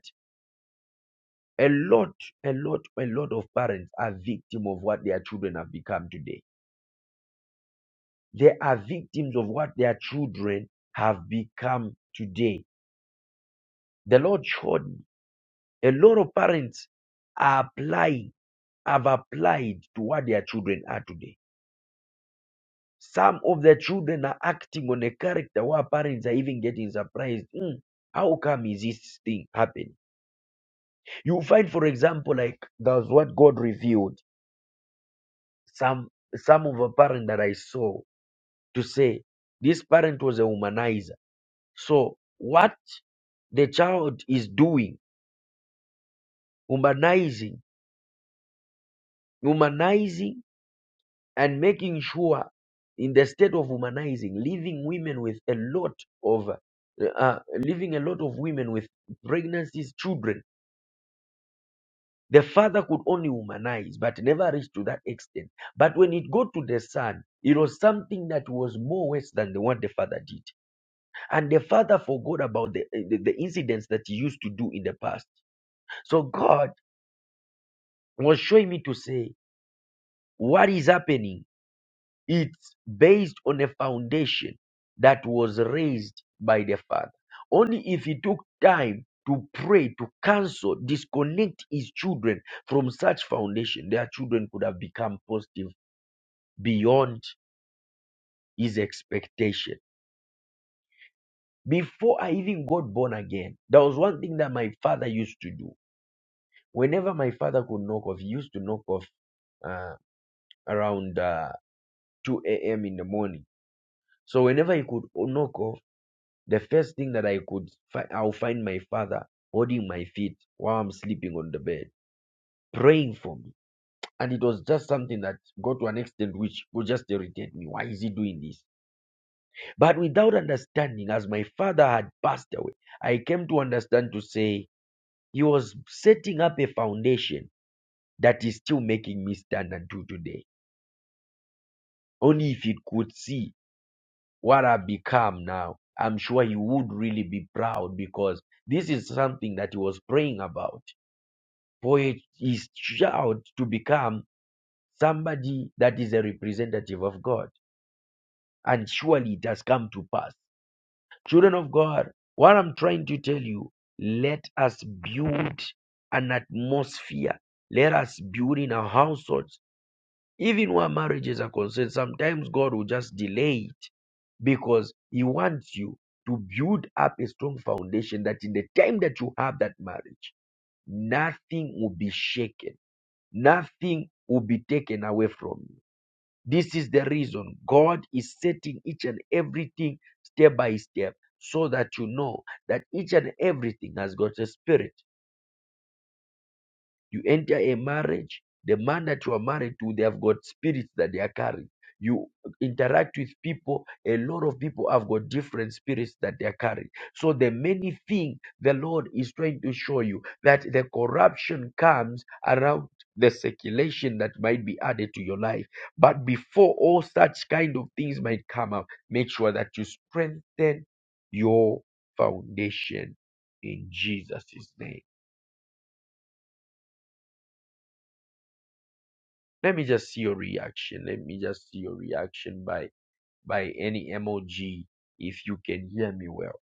Speaker 1: a lot, a lot, a lot of parents are victims of what their children have become today. They are victims of what their children have become today. The Lord showed me a lot of parents are applying, have applied to what their children are today. Some of the children are acting on a character where parents are even getting surprised. "Hmm, how come is this thing happening? You find, for example, like that's what God revealed. Some some of the parents that I saw to say this parent was a womanizer. So what the child is doing, humanizing, humanizing and making sure in the state of humanizing, leaving women with a lot of, uh, uh, leaving a lot of women with pregnancies, children. The father could only humanize, but never reached to that extent. But when it got to the son, it was something that was more worse than the, what the father did. And the father forgot about the, eh, the, the incidents that he used to do in the past. So God was showing me to say, what is happening? It's based on a foundation that was raised by the father. Only if he took time to pray, to cancel, disconnect his children from such foundation, their children could have become positive beyond his expectation. Before I even got born again, there was one thing that my father used to do Whenever my father could knock off, he used to knock off uh, around uh, 2 a.m. in the morning. So whenever he could knock off, the first thing that I could fi- I'll find my father holding my feet while I'm sleeping on the bed, praying for me. And it was just something that got to an extent which would just irritate me. Why is he doing this? But without understanding, as my father had passed away, I came to understand to say he was setting up a foundation that is still making me stand until today. Only if he could see what I've become now, I'm sure he would really be proud because this is something that he was praying about for his his child to become somebody that is a representative of God. And surely it has come to pass. Children of God, what I'm trying to tell you, let us build an atmosphere. Let us build in our households. Even where marriages are concerned, sometimes God will just delay it because he wants you to build up a strong foundation that in the time that you have that marriage, nothing will be shaken, nothing will be taken away from you. This is the reason God is setting each and everything step by step so that you know that each and everything has got a spirit you enter a marriage, the man that you are married to, they have got spirits that they are carrying. You interact with people, a lot of people have got different spirits that they are carrying. So the many thing the Lord is trying to show you that the corruption comes around the circulation that might be added to your life. But before all such kind of things might come up, make sure that you strengthen your foundation in Jesus' name. Let me just see your reaction. Let me just see your reaction by by any emoji if you can hear me well.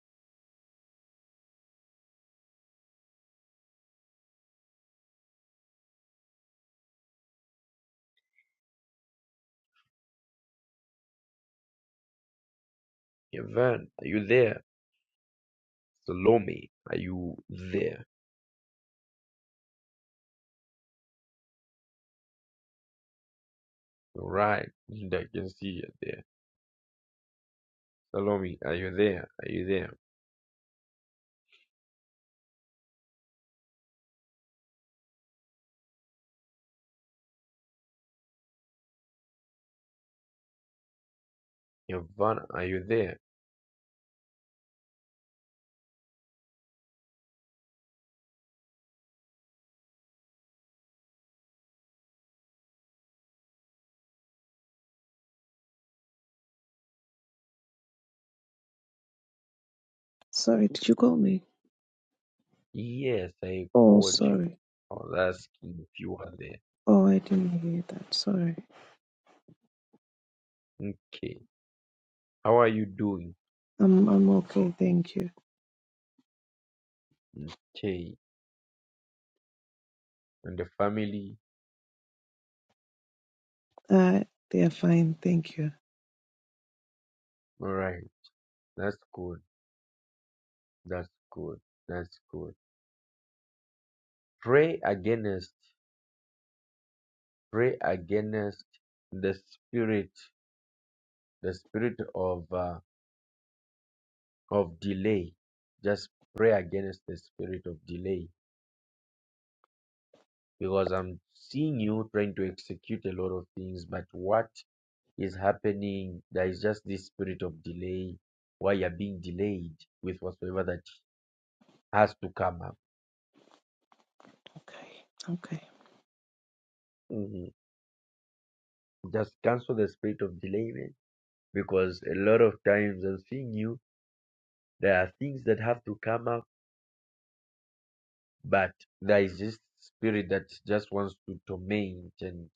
Speaker 1: Evan, are you there? Salome, are you there? All right, I can see you there. Salome, are you there? Are you there? Evan, are you there?
Speaker 3: Sorry, did you call me?
Speaker 1: Yes, I
Speaker 3: Oh,
Speaker 1: called you.
Speaker 3: sorry.
Speaker 1: I was asking if you are there.
Speaker 3: Oh, I didn't hear that. Sorry.
Speaker 1: Okay, how are you doing?
Speaker 3: I'm I'm okay, thank you.
Speaker 1: Okay, and the family?
Speaker 3: Uh, they're fine, thank you.
Speaker 1: All right, that's good. That's good. That's good. Pray against, pray against the spirit, the spirit of uh, of delay. Just pray against the spirit of delay because I'm seeing you trying to execute a lot of things, but what is happening? There is just this spirit of delay. Why you're being delayed with whatsoever that has to come up.
Speaker 3: Okay, okay.
Speaker 1: Mhm. Just cancel the spirit of delay, man, because a lot of times I'm seeing you. There are things that have to come up But there is this spirit that just wants to torment and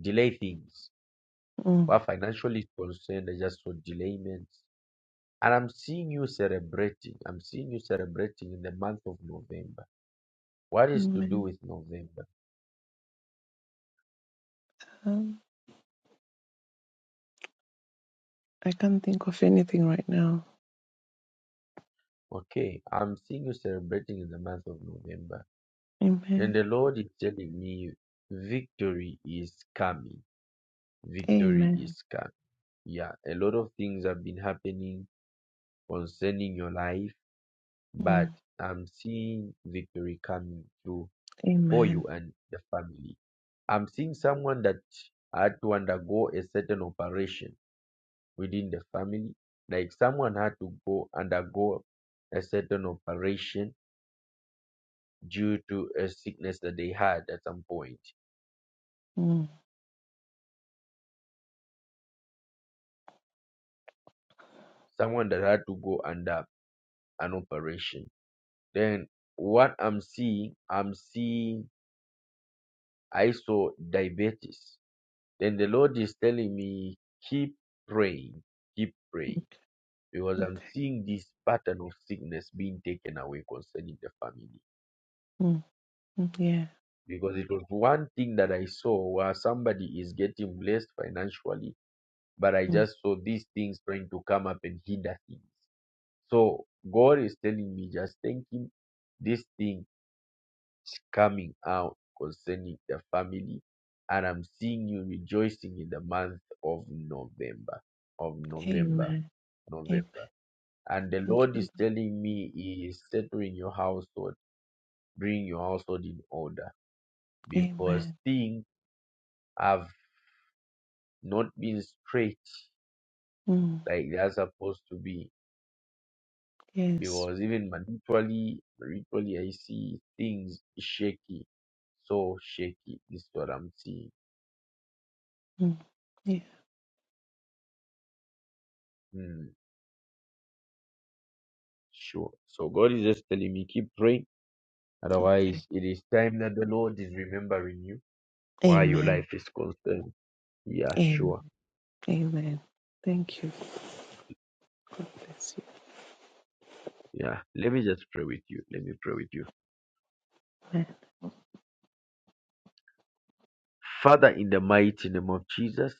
Speaker 1: delay things.
Speaker 3: Mm.
Speaker 1: Where financial is concerned, they just for delayments. And I'm seeing you celebrating. I'm seeing you celebrating in the month of November. What is to do
Speaker 3: Amen.
Speaker 1: with November?
Speaker 3: Um, I can't think of anything right now.
Speaker 1: Okay, I'm seeing you celebrating in the month of November. And
Speaker 3: Amen.
Speaker 1: the Lord is telling me victory is coming. Victory
Speaker 3: Amen.
Speaker 1: is coming. Yeah, a lot of things have been happening concerning your life
Speaker 3: Mm.
Speaker 1: But I'm seeing victory coming through for you
Speaker 3: Amen.
Speaker 1: and the family. I'm seeing someone that had to undergo a certain operation within the family. Like someone had to go undergo a certain operation due to a sickness that they had at some point.
Speaker 3: Mm.
Speaker 1: Someone that had to go under an operation. Then what I'm seeing, I'm seeing I saw diabetes Then the Lord is telling me, keep praying, keep praying, because I'm
Speaker 3: Okay.
Speaker 1: seeing this pattern of sickness being taken away concerning the family.
Speaker 3: Mm. Mm. Yeah.
Speaker 1: Because it was one thing that I saw where somebody is getting blessed financially, but I
Speaker 3: Mm.
Speaker 1: just saw these things trying to come up and hinder things. So God is telling me, just thank Him, this thing coming out concerning the family. And I'm seeing you rejoicing in the month of November. Of November
Speaker 3: Amen. Amen.
Speaker 1: November. And the
Speaker 3: Thank
Speaker 1: Lord
Speaker 3: you.
Speaker 1: is
Speaker 3: Lord.
Speaker 1: telling me He is settling your household, bring your household in order because
Speaker 3: Amen.
Speaker 1: things have not been straight
Speaker 3: Mm.
Speaker 1: like they are supposed to be.
Speaker 3: Yes.
Speaker 1: Because even spiritually, spiritually, I see things shaky, so shaky. This is what I'm seeing.
Speaker 3: Mm. Yeah.
Speaker 1: Hmm, sure. So God is just telling me keep praying.
Speaker 3: Okay.
Speaker 1: Otherwise, it is time that the Lord is remembering you while your
Speaker 3: Amen.
Speaker 1: life is concerned. Yeah,
Speaker 3: Amen.
Speaker 1: sure.
Speaker 3: Amen. Thank you. God bless you,
Speaker 1: Yeah, let me just pray with you. Let me pray with you.
Speaker 3: man.
Speaker 1: Father, in the mighty name of Jesus,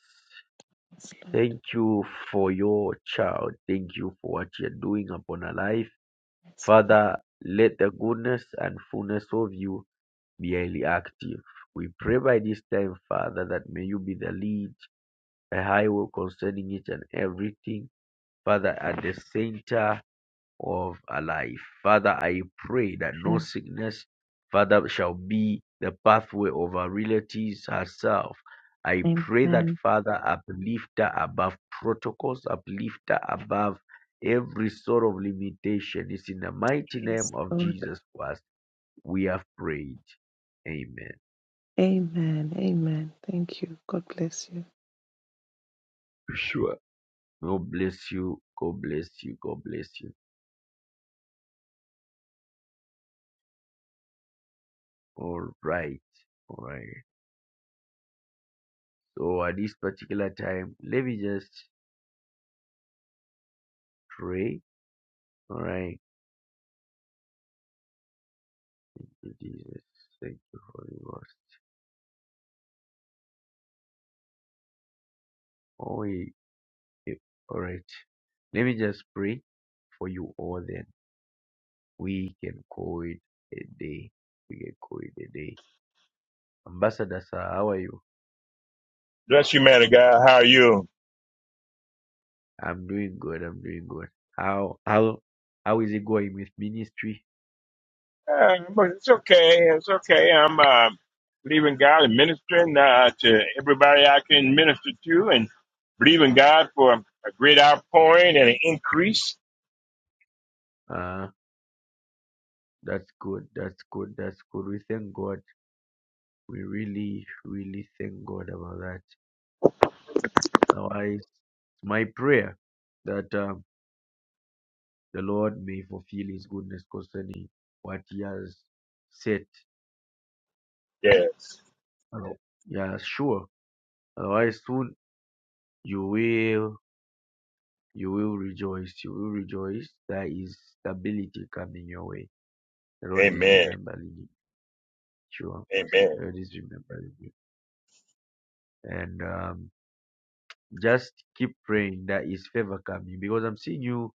Speaker 3: Yes, Lord.
Speaker 1: thank you for your child. Thank you for what you're doing upon her life.
Speaker 3: Yes, Father.
Speaker 1: Father, let the goodness and fullness of you be highly active. We pray by this time, Father, that may you be the lead, the highway concerning each and everything. Father, at the center of our life. Father, I pray that no
Speaker 3: Amen.
Speaker 1: sickness, Father, shall be the pathway of our relatives herself. I pray that,
Speaker 3: Amen.
Speaker 1: Father, uplift her above protocols, uplift her above every sort of limitation. It's in the mighty
Speaker 3: Yes,
Speaker 1: name of
Speaker 3: Lord.
Speaker 1: Jesus Christ we have prayed. Amen.
Speaker 3: Amen. Amen. Thank you. God bless you.
Speaker 1: Sure. God bless you. God bless you. God bless you. All right. All right. So at this particular time, let me just pray All right, Jesus, thank you, Holy Ghost. Oh, we, eh, all right. Let me just pray for you all. Then we can call it a day. We can call it a day. Ambassador, sir, how are you?
Speaker 4: Bless you, man of God. How are you?
Speaker 1: I'm doing good. I'm doing good. How how how is it going with ministry?
Speaker 4: Uh, but it's okay. It's okay. I'm uh, believing God and ministering uh, to everybody I can minister to, and believing God for a great outpouring and an increase.
Speaker 1: Uh that's good. That's good. That's good. We thank God. We really, really thank God about that. Now, I, it's my prayer that um The Lord may fulfill his goodness concerning what he has said.
Speaker 4: Yes.
Speaker 1: Other- Yeah, sure. Otherwise soon you will you will rejoice. You will rejoice. There is stability coming your way. The Lord is
Speaker 4: Amen.
Speaker 1: remembering you. Sure. The
Speaker 4: Amen.
Speaker 1: Lord is remembering you. And um just keep praying that is favor coming because I'm seeing you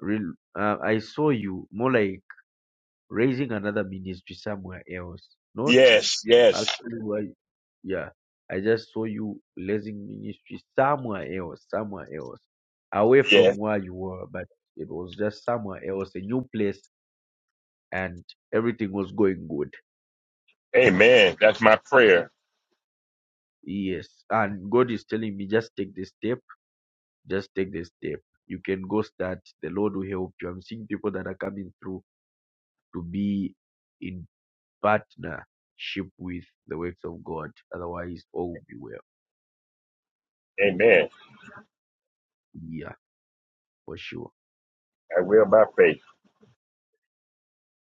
Speaker 1: real uh, I saw you more like raising another ministry somewhere else. Not
Speaker 4: Yes. Yes.
Speaker 1: Actually, why? Yeah, I just saw you blessing ministry somewhere else, somewhere else, away from
Speaker 4: Yes.
Speaker 1: where you were, but it was just somewhere else, a new place, and everything was going good.
Speaker 4: Amen. That's my prayer.
Speaker 1: Yes, and God is telling me, just take the step, just take the step. You can go start. The Lord will help you. I'm seeing people that are coming through to be in partnership with the works of God. Otherwise, all will be well.
Speaker 4: Amen.
Speaker 1: Yeah, for sure.
Speaker 4: I will by faith.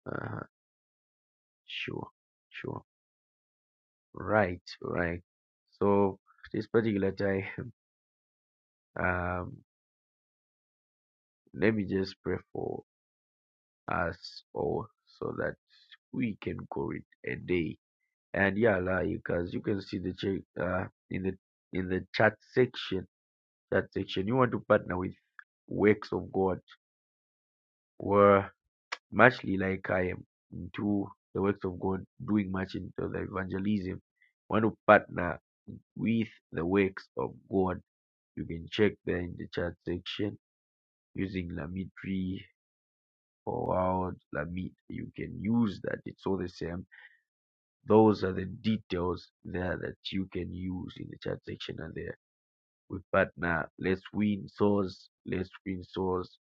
Speaker 1: Uh-huh. Sure, sure. Right, right. So this particular time, *laughs* um, let me just pray for us all so that we can call it a day. And yeah, like as you can see the check uh in the in the chat section, chat section, you want to partner with works of God were muchly like I am into the works of God, doing much into the evangelism. Want to partner with the works of God You can check there in the chat section using Lamitri forward Lamit. You can use that. It's all the same. Those are the details there that you can use in the chat section and there. We partner. Let's win souls. Let's win souls.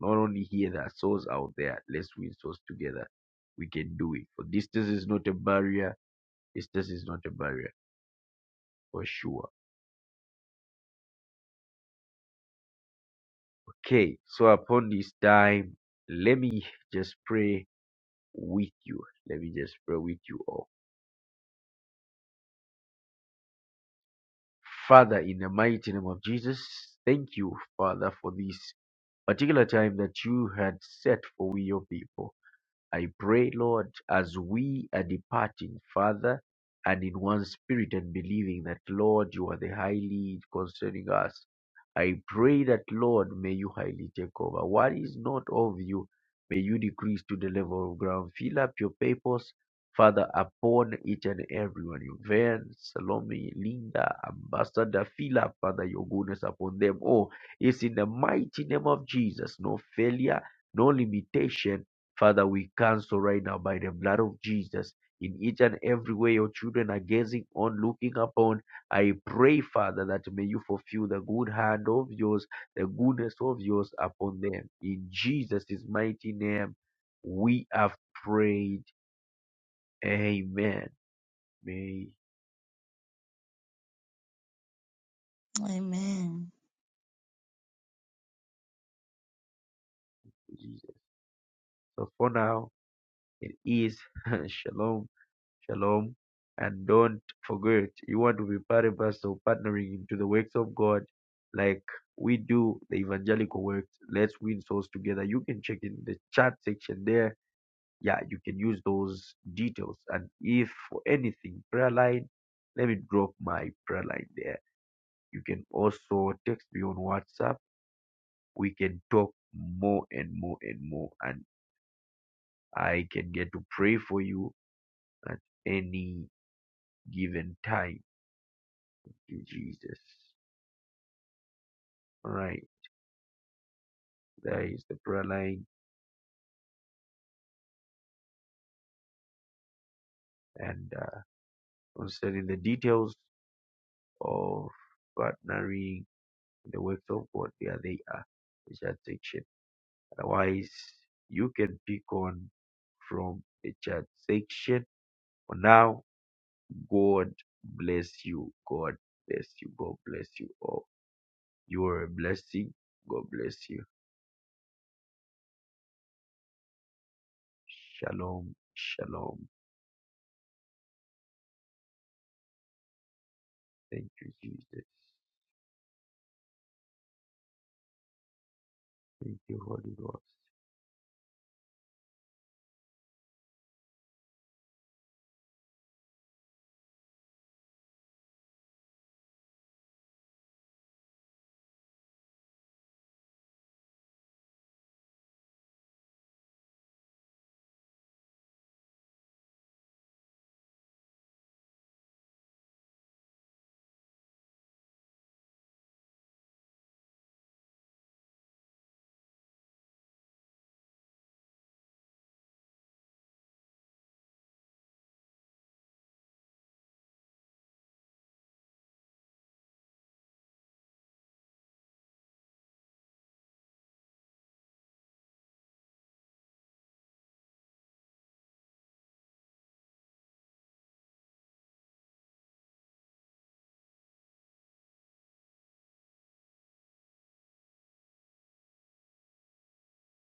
Speaker 1: Not only here, there are souls out there. Let's win souls together. We can do it. For distance is not a barrier. Distance is not a barrier for sure. Okay. So upon this time, let me just pray with you. Let me just pray with you all. Father, in the mighty name of Jesus, thank you, Father, for this particular time that you had set for your people. I pray, Lord, as we are departing, Father, and in one spirit and believing that, Lord, you are the high lead concerning us. I pray that, Lord, may you highly take over. What is not of you, may you decrease to the level of ground. Fill up your papers, Father, upon each and everyone. Yvonne, Salome, Linda, Ambassador, fill up, Father, your goodness upon them. Oh, it's in the mighty name of Jesus. No failure, no limitation Father, we cancel right now by the blood of Jesus in each and every way your children are gazing on, looking upon. I pray, Father, that may you fulfill the good hand of yours, the goodness of yours upon them. In Jesus' mighty name, we have prayed. Amen. May
Speaker 2: Amen.
Speaker 1: Jesus. So for now, it is *laughs* Shalom. Shalom. And don't forget, you want to be part and parcel of partnering into the works of God like we do the evangelical works. Let's win souls together. You can check in the chat section there. Yeah, you can use those details. And if for anything, prayer line, let me drop my prayer line there. You can also text me on WhatsApp. We can talk more and more and more. And I can get to pray for you at any given time you, Jesus. All right, there is the prayer line, and uh, concerning the details of partnering in the works of God, there they are. They shall take shape. Otherwise, you can pick on from the chat section. For now, God bless you. God bless you. God bless you all. You are a blessing. God bless you. Shalom. Shalom. Thank you, Jesus. Thank you, Holy Ghost.